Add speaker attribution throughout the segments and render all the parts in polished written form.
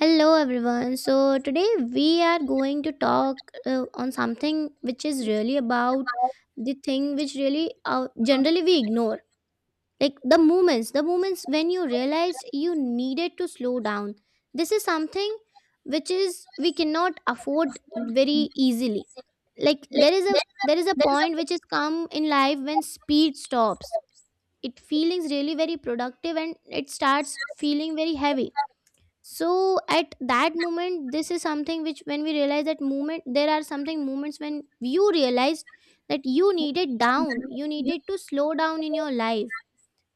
Speaker 1: Hello everyone. So today we are going to talk on something which is really about the thing which really generally we ignore. Like the moments when you realize you needed to slow down. This is something which is we cannot afford very easily. Like there is a point which is come in life when speed stops. It feelings really very productive, and it starts feeling very heavy. So at that moment, this is something which when we realize that moment, there are something moments when you realize that you needed to slow down in your life.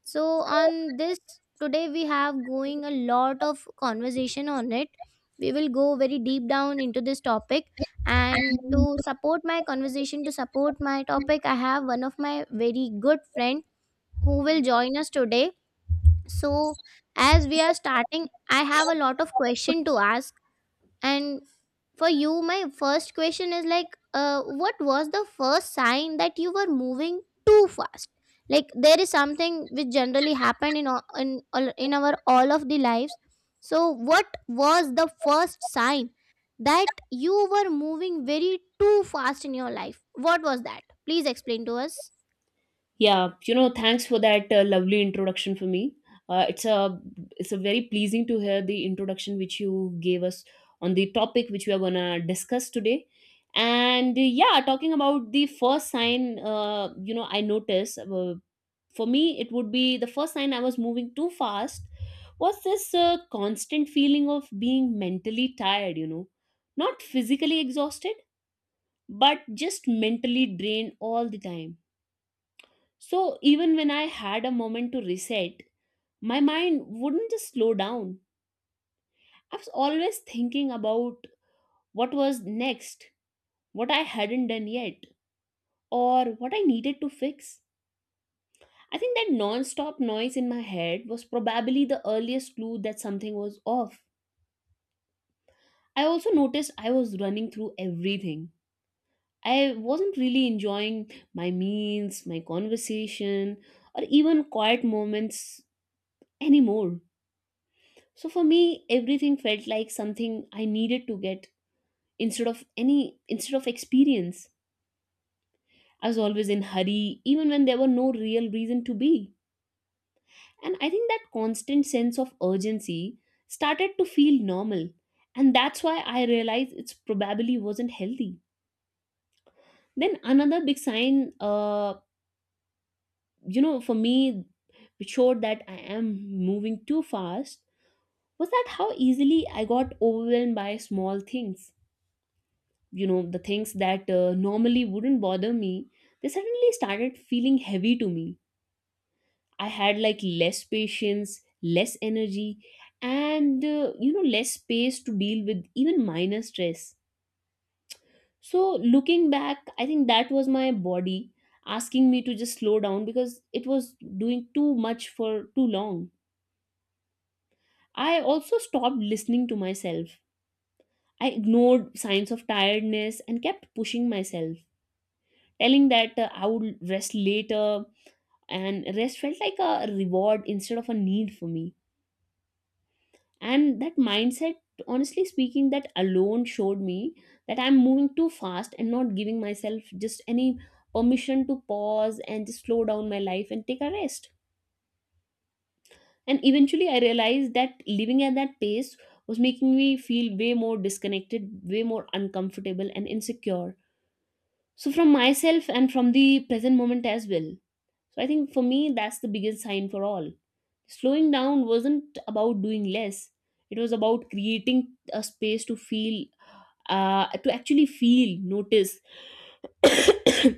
Speaker 1: So on this, today we have going a lot of conversation on it. We will go very deep down into this topic, and to support my conversation, to support my topic, I have one of my very good friend who will join us today. So, as we are starting, I have a lot of question to ask. And for you, my first question is like, what was the first sign that you were moving too fast? Like there is something which generally happened in in our all of the lives. So, what was the first sign that you were moving very too fast in your life? What was that? Please explain to us.
Speaker 2: Yeah, you know, thanks for that lovely introduction for me. Uh, it's a it's a very pleasing to hear the introduction which you gave us on the topic which we are gonna discuss today. And yeah, talking about the first sign, you know, I noticed for me it would be the first sign I was moving too fast was this constant feeling of being mentally tired. You know, not physically exhausted, but just mentally drained all the time, so even when I had a moment to reset, my mind wouldn't just slow down. I was always thinking about what was next, what I hadn't done yet, or what I needed to fix. I think that non stop noise in my head was probably the earliest clue that something was off. I also noticed I was running through everything. I wasn't really enjoying my meals, my conversation, or even quiet moments anymore. So for me, everything felt like something I needed to get instead of experience. I was always in hurry, even when there were no real reason to be. And I think that constant sense of urgency started to feel normal. And that's why I realized it probably wasn't healthy. Then another big sign, you know, for me, which showed that I am moving too fast was that how easily I got overwhelmed by small things. You know, the things that normally wouldn't bother me, they suddenly started feeling heavy to me. I had like less patience, less energy, and you know, less space to deal with even minor stress. So looking back, I think that was my body asking me to just slow down because it was doing too much for too long. I also stopped listening to myself. I ignored signs of tiredness and kept pushing myself, telling that I would rest later, and rest felt like a reward instead of a need for me. And that mindset, honestly speaking, that alone showed me that I'm moving too fast and not giving myself just any permission to pause and just slow down my life and take a rest. And eventually I realized that living at that pace was making me feel way more disconnected, way more uncomfortable and insecure, so from myself and from the present moment as well. So I think for me that's the biggest sign for all. Slowing down wasn't about doing less. It was about creating a space to feel, to actually feel, notice,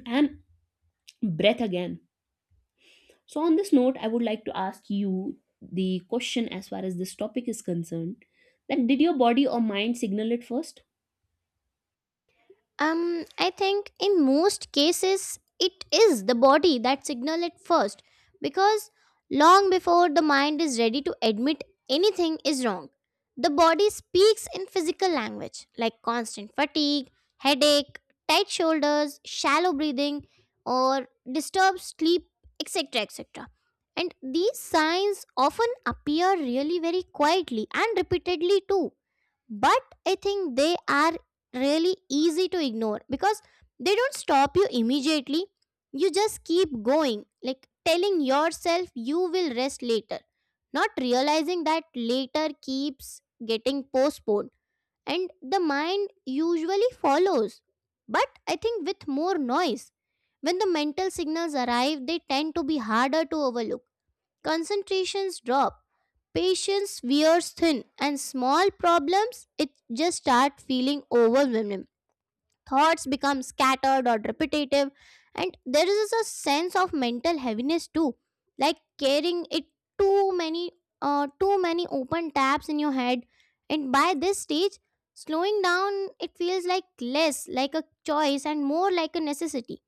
Speaker 2: and breath again. So on this note I would like to ask you the question as far as this topic is concerned, that did your body or mind signal it first?
Speaker 1: I think in most cases, it is the body that signal it first because long before the mind is ready to admit anything is wrong, the body speaks in physical language like constant fatigue, headache, tight shoulders, shallow breathing, or disturbed sleep, etc. etc. And these signs often appear really very quietly and repeatedly too, but I think they are really easy to ignore because they don't stop you immediately. You just keep going, like telling yourself you will rest later, not realizing that later keeps getting postponed. And the mind usually follows, but I think with more noise, when the mental signals arrive they tend to be harder to overlook. Concentrations drop. Patience wears thin, and small problems it just start feeling overwhelming. Thoughts become scattered or repetitive, and there is a sense of mental heaviness too, like carrying it too many, too many open tabs in your head. And by this stage, slowing down it feels like less like a choice and more like a necessity.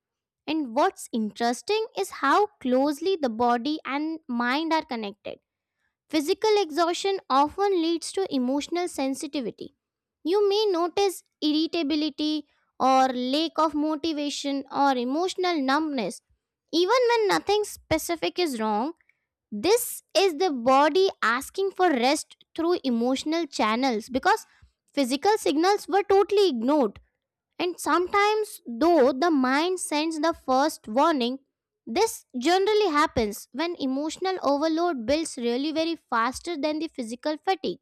Speaker 1: And what's interesting is how closely the body and mind are connected. Physical exhaustion often leads to emotional sensitivity. You may notice irritability or lack of motivation or emotional numbness. Even when nothing specific is wrong, this is the body asking for rest through emotional channels because physical signals were totally ignored. And sometimes, though the mind sends the first warning, this generally happens when emotional overload builds really very faster than the physical fatigue,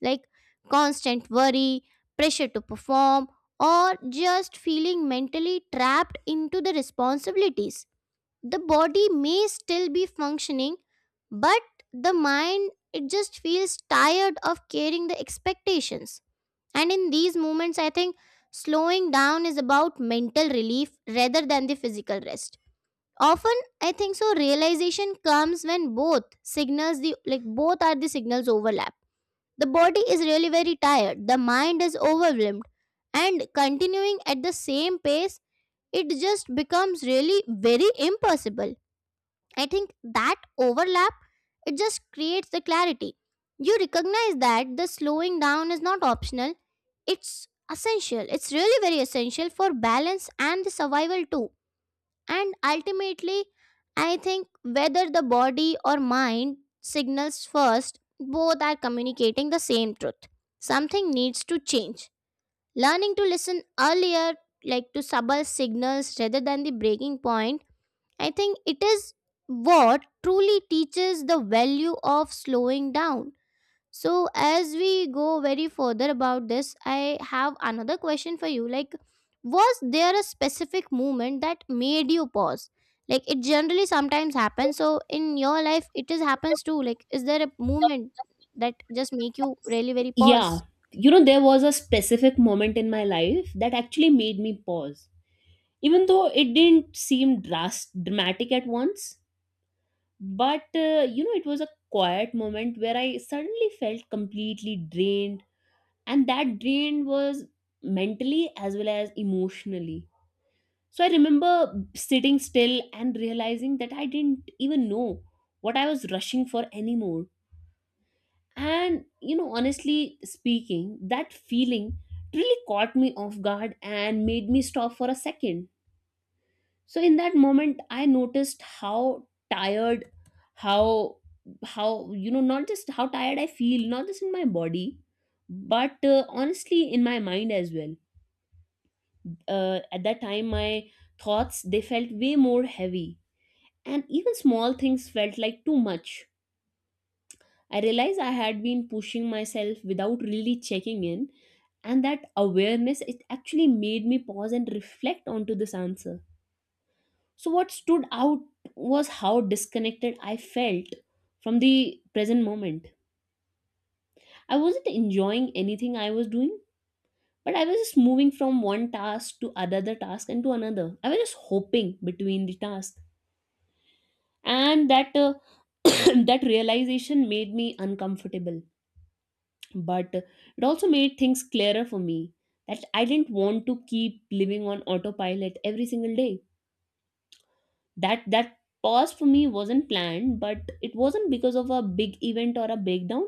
Speaker 1: like constant worry, pressure to perform, or just feeling mentally trapped into the responsibilities. The body may still be functioning, but the mind it just feels tired of carrying the expectations. And in these moments, I think slowing down is about mental relief rather than the physical rest. Often, I think so, realization comes when both signals, the like both are the signals overlap. The body is really very tired, the mind is overwhelmed, and continuing at the same pace, it just becomes really very impossible. I think that overlap, it just creates the clarity. You recognize that the slowing down is not optional, it's essential. It's really very essential for balance and the survival too. And ultimately, I think whether the body or mind signals first, both are communicating the same truth. Something needs to change. Learning to listen earlier, like to subtle signals rather than the breaking point, I think it is what truly teaches the value of slowing down. So as we go very further about this, I have another question for you. Like, was there a specific moment that made you pause? Like it generally sometimes happens. So in your life, it is happens too. Like, is there a moment that just make you really very
Speaker 2: Yeah,
Speaker 1: pause?
Speaker 2: you know, there was a specific moment in my life that actually made me pause, even though it didn't seem dramatic at once. But you know, it was a quiet moment where I suddenly felt completely drained, and that drain was mentally as well as emotionally. So I remember sitting still and realizing that I didn't even know what I was rushing for anymore. And you know, honestly speaking, that feeling really caught me off guard and made me stop for a second. So in that moment I noticed how tired, how how you know, not just how tired I feel, not just in my body, but honestly in my mind as well. At that time my thoughts, they felt way more heavy, and even small things felt like too much. I realized I had been pushing myself without really checking in, and that awareness, it actually made me pause and reflect onto this answer. So, what stood out was how disconnected I felt from the present moment. I wasn't enjoying anything I was doing, but I was just moving from one task to another task and to another. I was just hopping between the tasks, and that that realization made me uncomfortable. But it also made things clearer for me that I didn't want to keep living on autopilot every single day. That pause for me wasn't planned, but it wasn't because of a big event or a breakdown.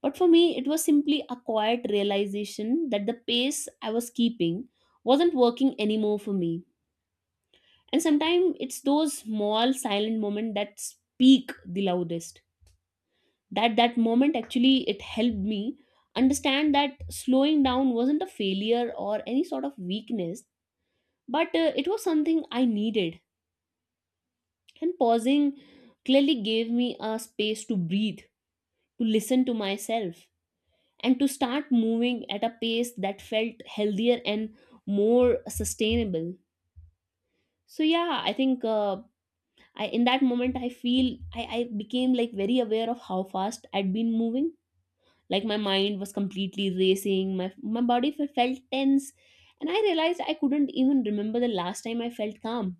Speaker 2: But for me it was simply a quiet realization that the pace I was keeping wasn't working anymore for me. And sometimes it's those small silent moments that speak the loudest. That moment actually, it helped me understand that slowing down wasn't a failure or any sort of weakness, but it was something I needed. And pausing clearly gave me a space to breathe, to listen to myself, and to start moving at a pace that felt healthier and more sustainable. So yeah, I think I in that moment I feel I became like very aware of how fast I'd been moving. Like my mind was completely racing, my body felt tense, and I realized I couldn't even remember the last time I felt calm.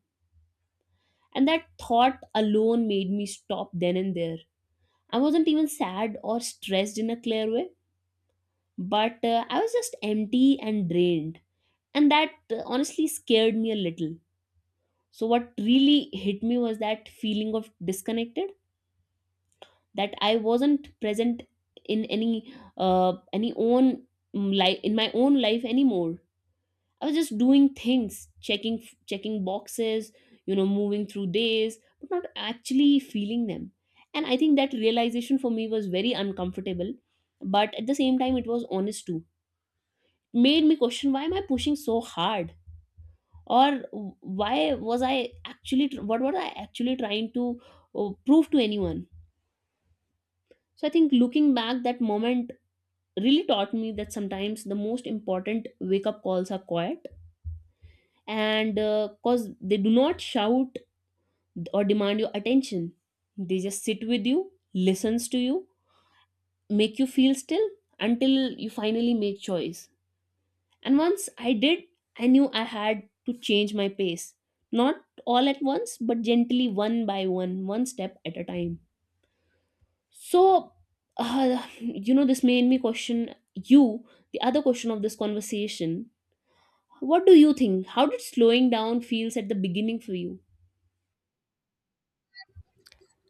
Speaker 2: And that thought alone made me stop then and there. I wasn't even sad or stressed in a clear way, but I was just empty and drained. And that honestly scared me a little. So, what really hit me was that feeling of disconnected, that I wasn't present in any own life, in my own life anymore. I was just doing things, checking boxes, you know, moving through days, but not actually feeling them. And I think that realization for me was very uncomfortable, but at the same time it was honest too. Made me question, why am I pushing so hard? Or why was I actually what was I actually trying to prove to anyone? So I think looking back, that moment really taught me that sometimes the most important wake up calls are quiet, and because they do not shout or demand your attention. They just sit with you, listens to you, make you feel still until you finally make choice. And once I did, I knew I had to change my pace. Not all at once, but gently one by one, one step at a time. So, you know, this made me question you, the other question of this conversation. What do you think? How did slowing down feels at the beginning for you?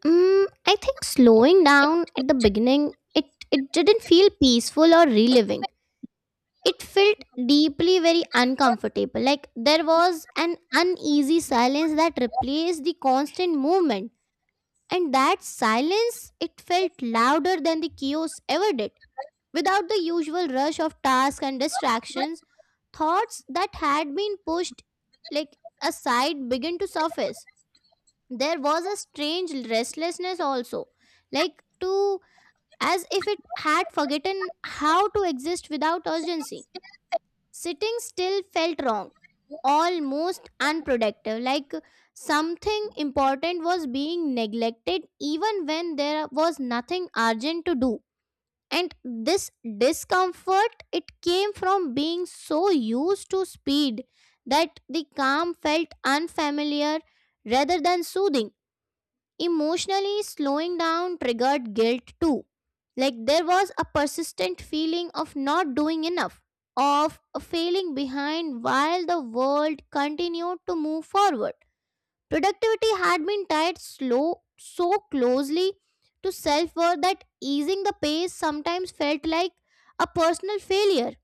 Speaker 1: I think slowing down at the beginning, it didn't feel peaceful or reliving. It felt deeply very uncomfortable, like there was an uneasy silence that replaced the constant movement, and that silence, it felt louder than the chaos ever did. Without the usual rush of tasks and distractions, thoughts that had been pushed, like aside, began to surface. There was a strange restlessness also, like to as if it had forgotten how to exist without urgency. Sitting still felt wrong, almost unproductive, like something important was being neglected even when there was nothing urgent to do. And this discomfort, it came from being so used to speed that the calm felt unfamiliar rather than soothing. Emotionally, slowing down triggered guilt too. Like there was a persistent feeling of not doing enough, of failing behind while the world continued to move forward. Productivity had been tied slow so closely to self-worth that easing the pace sometimes felt like a personal failure.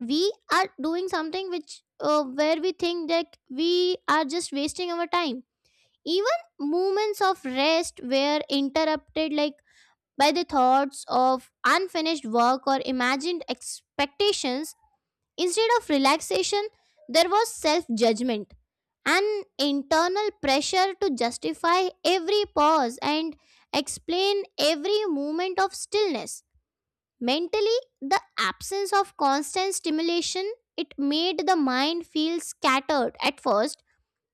Speaker 1: We are doing something which where we think that we are just wasting our time. Even moments of rest were interrupted, like by the thoughts of unfinished work or imagined expectations. Instead of relaxation, there was self-judgment and internal pressure to justify every pause and explain every moment of stillness. Mentally, the absence of constant stimulation it made the mind feel scattered at first.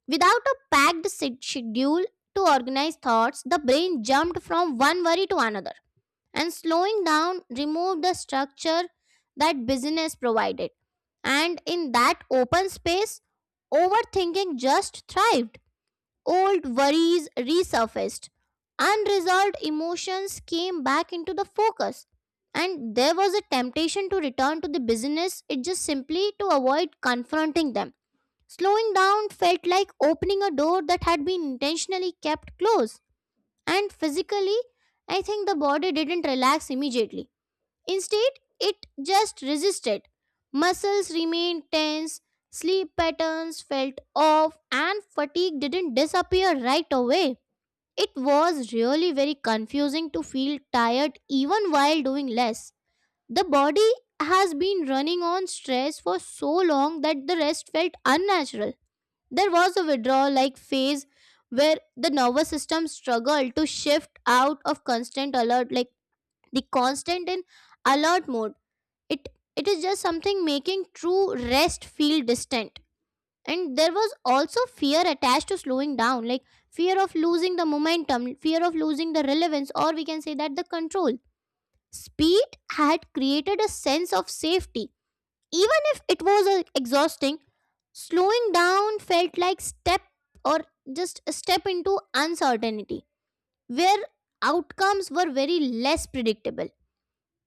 Speaker 1: Without a packed schedule to organize thoughts, the brain jumped from one worry to another, and slowing down removed the structure that business provided. And in that open space, overthinking just thrived. Old worries resurfaced. Unresolved emotions came back into the focus. And there was a temptation to return to the business, it just simply to avoid confronting them. Slowing down felt like opening a door that had been intentionally kept closed, and physically, I think the body didn't relax immediately. Instead, it just resisted. Muscles remained tense, sleep patterns felt off, and fatigue didn't disappear right away. It was really very confusing to feel tired even while doing less. The body has been running on stress for so long that the rest felt unnatural. There was a withdrawal like phase where the nervous system struggled to shift out of constant alert, like the constant in alert mode. It it is just something making true rest feel distant. And there was also fear attached to slowing down, like fear of losing the momentum, fear of losing the relevance, or we can say that the control. Speed had created a sense of safety. Even if it was exhausting, slowing down felt like step or just a step into uncertainty, where outcomes were very less predictable.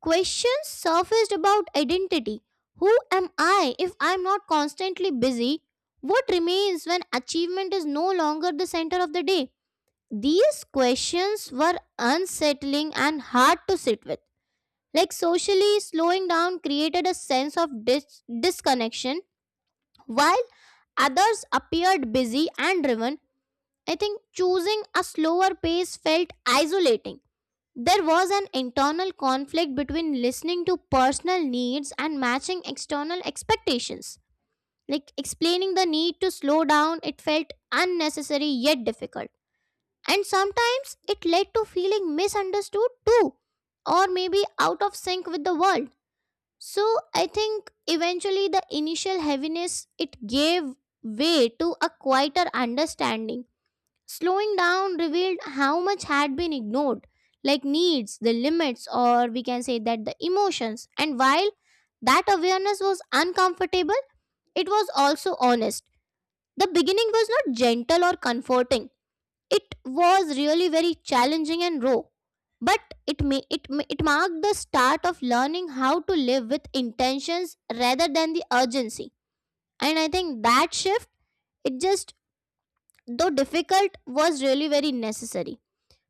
Speaker 1: Questions surfaced about identity. Who am I if I'm not constantly busy? What remains when achievement is no longer the center of the day? These questions were unsettling and hard to sit with. Like socially, slowing down created a sense of disconnection while others appeared busy and driven, I think choosing a slower pace felt isolating. There was an internal conflict between listening to personal needs and matching external expectations. Like explaining the need to slow down, it felt unnecessary yet difficult. And sometimes it led to feeling misunderstood too, or maybe out of sync with the world. So I think eventually the initial heaviness it gave way to a quieter understanding. Slowing down revealed how much had been ignored, like needs, the limits, or we can say that the emotions. And while that awareness was uncomfortable, it was also honest. The beginning was not gentle or comforting, it was really very challenging and raw, but it may it ma- it marked the start of learning how to live with intentions rather than the urgency. And I think that shift, it just, though difficult, was really very necessary.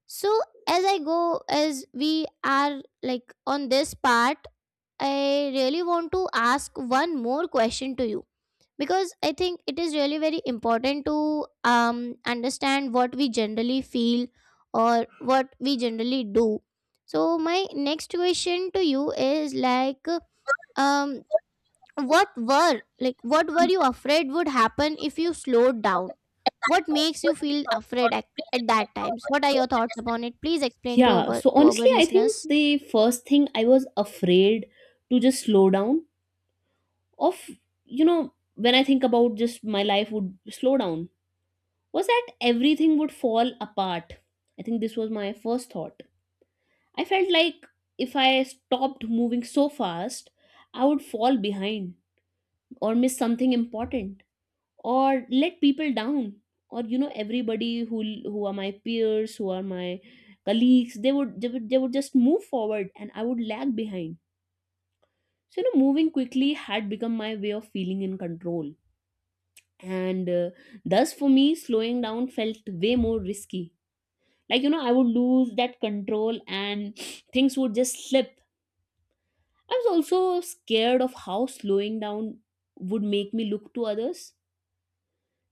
Speaker 1: So as I go, as we are like on this part, I really want to ask one more question to you because I think it is really very important to understand what we generally feel or what we generally do. So my next question to you is like, um, what were you afraid would happen if you slowed down? What makes you feel afraid at that times? What are your thoughts upon it? Please explain
Speaker 2: Yeah, so
Speaker 1: to our
Speaker 2: honestly, I think
Speaker 1: listeners.
Speaker 2: the first thing I was afraid to just slow down of, you know, when I think about just my life would slow down, was that everything would fall apart. I think this was my first thought. I felt like if I stopped moving so fast, I would fall behind or miss something important or let people down, or you know, everybody who are my peers, who are my colleagues, they would they would just move forward and I would lag behind. So you know, moving quickly had become my way of feeling in control, and thus for me slowing down felt way more risky, like you know, I would lose that control and things would just slip. I was also scared of how slowing down would make me look to others.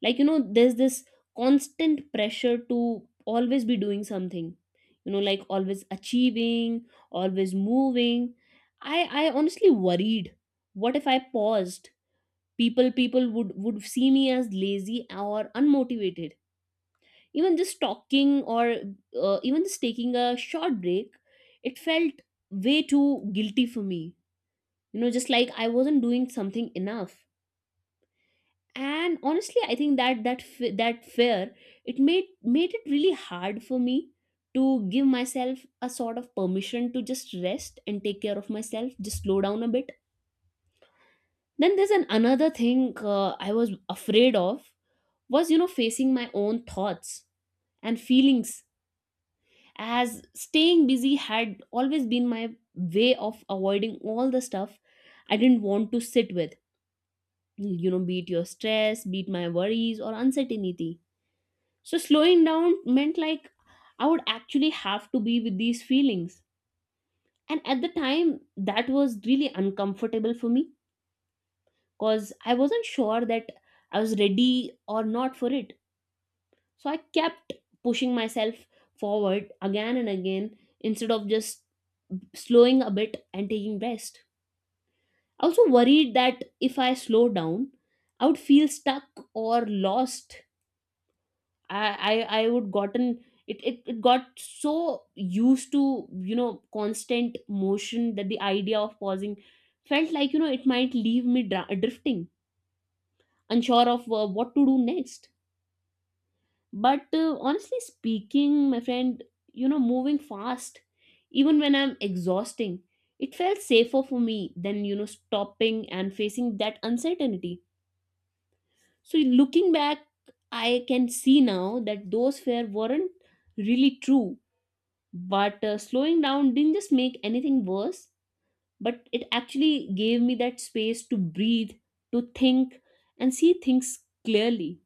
Speaker 2: Like, you know, there's this constant pressure to always be doing something, you know, like always achieving, always moving. I i honestly worried, what if I paused? People, would see me as lazy or unmotivated. Even just talking or even just taking a short break, it felt way too guilty for me. You know, just like I wasn't doing something enough. And honestly I think that that fear, it made it really hard for me to give myself a sort of permission to just rest and take care of myself, just slow down a bit. Then there's an another thing I was afraid of was, you know, facing my own thoughts and feelings, as staying busy had always been my way of avoiding all the stuff I didn't want to sit with. You know, be it your stress, be it my worries or uncertainty. So slowing down meant like I would actually have to be with these feelings. And at the time, that was really uncomfortable for me because I wasn't sure that I was ready or not for it. So I kept pushing myself forward again and again instead of just slowing a bit and taking rest. I also worried that if I slow down, I would feel stuck or lost. I I would gotten it it got so used to, you know, constant motion that the idea of pausing felt like, you know, it might leave me drifting, unsure of what to do next. But honestly speaking, my friend, you know, moving fast, even when I'm exhausting, it felt safer for me than, you know, stopping and facing that uncertainty. So looking back, I can see now that those fear weren't really true but slowing down didn't just make anything worse but it actually gave me that space to breathe, to think and see things clearly.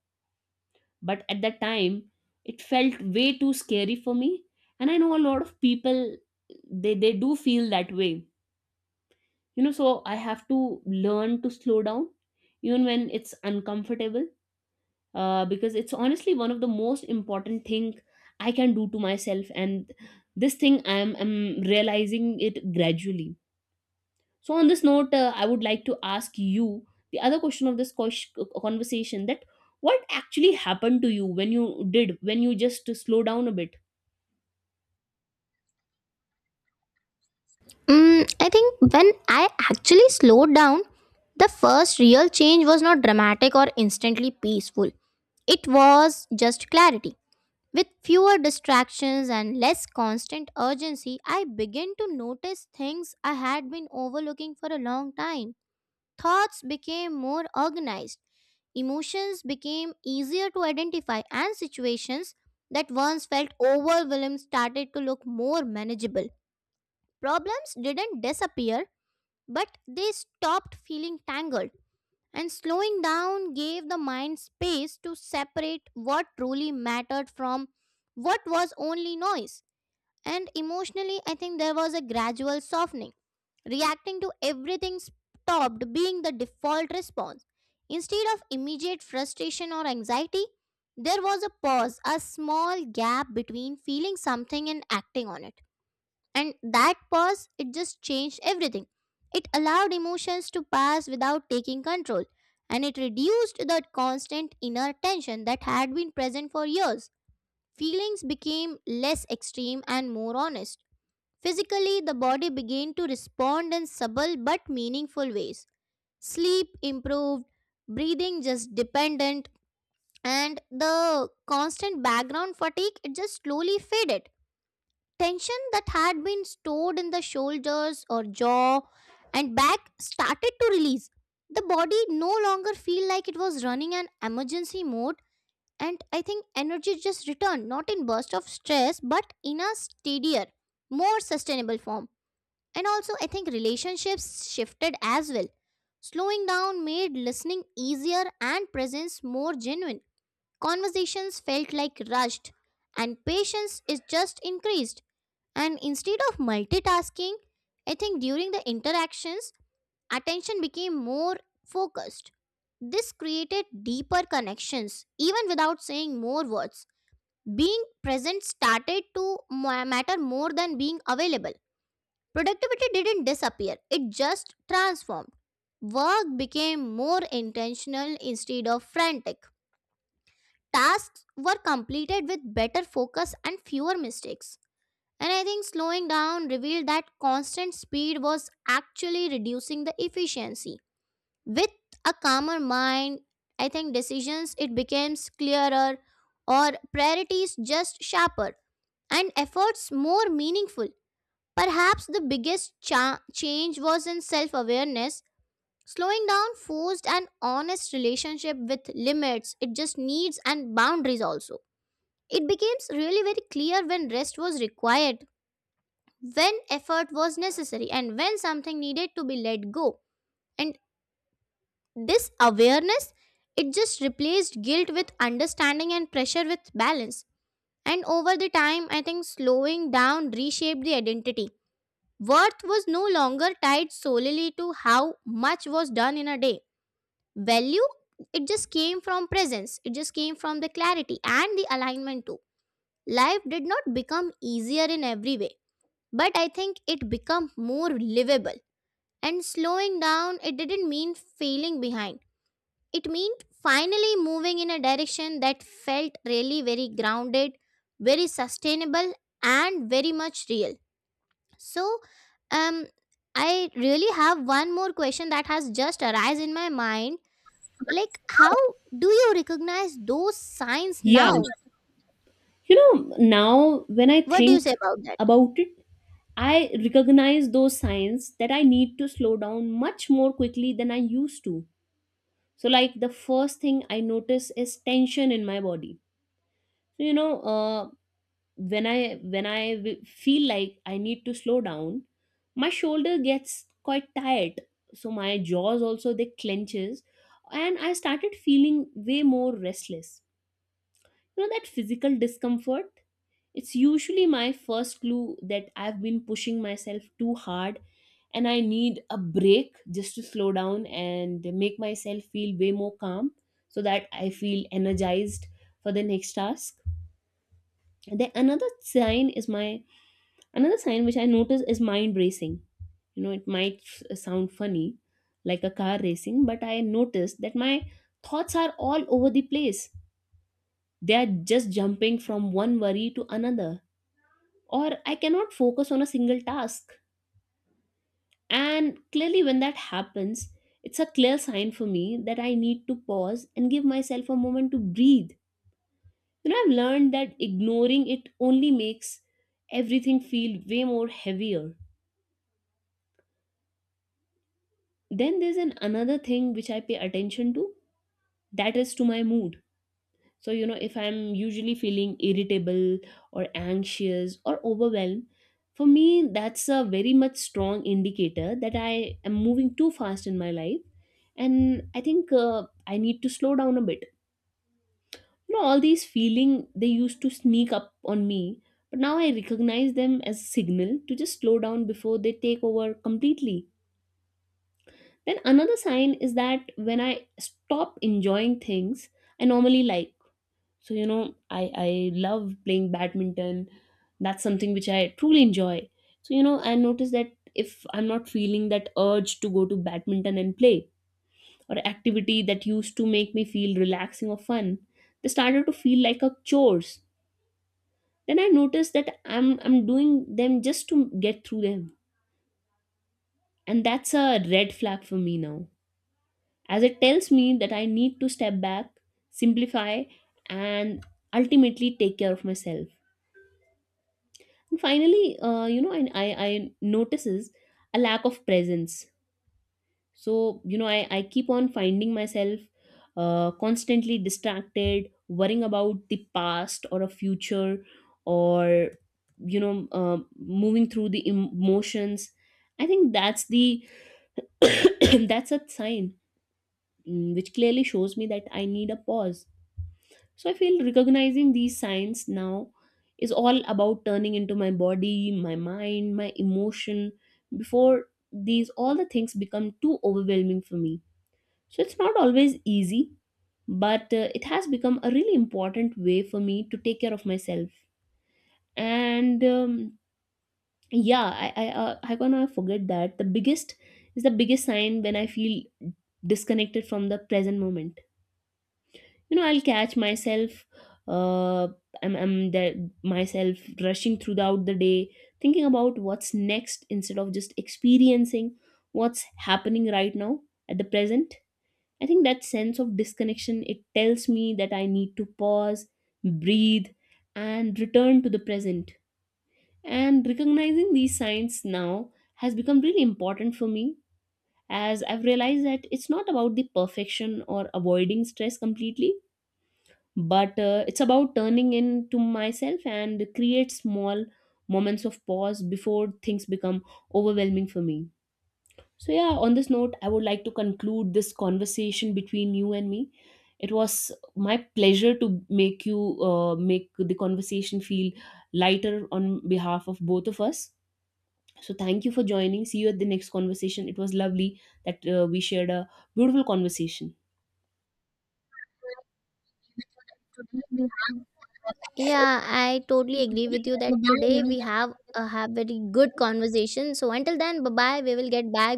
Speaker 2: But at that time it felt way too scary for me, and I know a lot of people, they do feel that way. So I have to learn to slow down even when it's uncomfortable, because it's honestly one of the most important thing I can do to myself, and this thing I'm realizing it gradually. So on this note, I would like to ask you the other question of this conversation: that what actually happened to you when you did when you just slow down a bit?
Speaker 1: I think when I actually slowed down, the first real change was not dramatic or instantly peaceful. It was just clarity. With fewer distractions and less constant urgency, I began to notice things I had been overlooking for a long time. Thoughts became more organized, emotions became easier to identify, and situations that once felt overwhelming started to look more manageable. Problems didn't disappear but they stopped feeling tangled, and slowing down gave the mind space to separate what truly mattered from what was only noise. And emotionally, I think there was a gradual softening. Reacting to everything stopped being the default response. Instead of immediate frustration or anxiety, there was a pause, a small gap between feeling something and acting on it, and that pause, it just changed everything. It allowed emotions to pass without taking control, and it reduced the constant inner tension that had been present for years. Feelings became less extreme and more honest. Physically, the body began to respond in subtle but meaningful ways. Sleep improved, breathing just dependent, and the constant background fatigue it just slowly faded. Tension that had been stored in the shoulders or jaw and back started to release. The body no longer feel like it was running an emergency mode, and I think energy just returned not in burst of stress but in a steadier, more sustainable form. And also I think relationships shifted as well. Slowing down made listening easier and presence more genuine. Conversations felt like rushed and patience is just increased. And instead of multitasking, I think during the interactions, attention became more focused. This created deeper connections, even without saying more words. Being present started to matter more than being available. Productivity didn't disappear, it just transformed. Work became more intentional instead of frantic. Tasks were completed with better focus and fewer mistakes. And I think slowing down revealed that constant speed was actually reducing the efficiency. With a calmer mind, I think decisions it becomes clearer, or priorities just sharper, and efforts more meaningful. Perhaps the biggest change was in self-awareness. Slowing down forced an honest relationship with limits, it just needs and boundaries also. It becomes really very clear when rest was required, when effort was necessary, and when something needed to be let go. And this awareness, it just replaced guilt with understanding and pressure with balance. And over the time I think slowing down reshaped the identity. Worth was no longer tied solely to how much was done in a day. Value, it just came from presence, it just came from the clarity and the alignment too. Life did not become easier in every way, but I think it became more livable. And slowing down, it didn't mean failing behind. It meant finally moving in a direction that felt really very grounded, very sustainable, and very much real. So, um, I really have one more question that has just arisen in my mind. Like, how do you recognize those signs
Speaker 2: Yeah,
Speaker 1: now?
Speaker 2: you know, now when I
Speaker 1: What do you
Speaker 2: think
Speaker 1: say about that?
Speaker 2: about it. I recognize those signs that I need to slow down much more quickly than I used to. So like the first thing I notice is tension in my body. So when I when I feel like I need to slow down, my shoulder gets quite tight, so my jaws also they clenches, and I started feeling way more restless. You know, that physical discomfort, it's usually my first clue that I've been pushing myself too hard and I need a break just to slow down and make myself feel way more calm, so that I feel energized for the next task. And then another sign which I notice is mind racing. You know, it might sound funny, like a car racing, but I noticed that my thoughts are all over the place. They are just jumping from one worry to another, or I cannot focus on a single task. And clearly, when that happens, it's a clear sign for me that I need to pause and give myself a moment to breathe. You know, I've learned that ignoring it only makes everything feel way more heavier. Then there's an another thing which I pay attention to, that is to my mood. So, you know, if I'm usually feeling irritable or anxious or overwhelmed, for me, that's a very much strong indicator that I am moving too fast in my life. And I think I need to slow down a bit. You know, all these feeling they used to sneak up on me, but now I recognize them as a signal to just slow down before they take over completely. Then another sign is that when I stop enjoying things I normally like. So you know, I love playing badminton. That's something which I truly enjoy. So you know, I notice that if I'm not feeling that urge to go to badminton and play, or activity that used to make me feel relaxing or fun, they started to feel like a chores. Then I notice that I'm doing them just to get through them, and that's a red flag for me now, as it tells me that I need to step back, simplify, and ultimately take care of myself. Finally, you know, and I notices a lack of presence. So you know, I keep on finding myself constantly distracted, worrying about the past or a future, or moving through the emotions. I think that's the that's a sign, mm, which clearly shows me that I need a pause. So I feel recognizing these signs now is all about turning into my body, my mind, my emotion before these all the things become too overwhelming for me. So it's not always easy, but it has become a really important way for me to take care of myself. And yeah, I gonna forget that the biggest is the biggest sign when I feel disconnected from the present moment. You know, I'll catch myself, uh I'm there myself rushing throughout the day, thinking about what's next instead of just experiencing what's happening right now at the present. I think that sense of disconnection, it tells me that I need to pause, breathe, and return to the present. And recognizing these signs now has become really important for me, as I've realized that it's not about the perfection or avoiding stress completely, but it's about turning into myself and create small moments of pause before things become overwhelming for me. So yeah, on this note I would like to conclude this conversation between you and me. It was my pleasure to make you make the conversation feel lighter on behalf of both of us. So thank you for joining, see you at the next conversation. It was lovely that we shared a beautiful conversation.
Speaker 1: Yeah, I totally agree with you that today we have very good conversation. So until then, bye bye. We will get back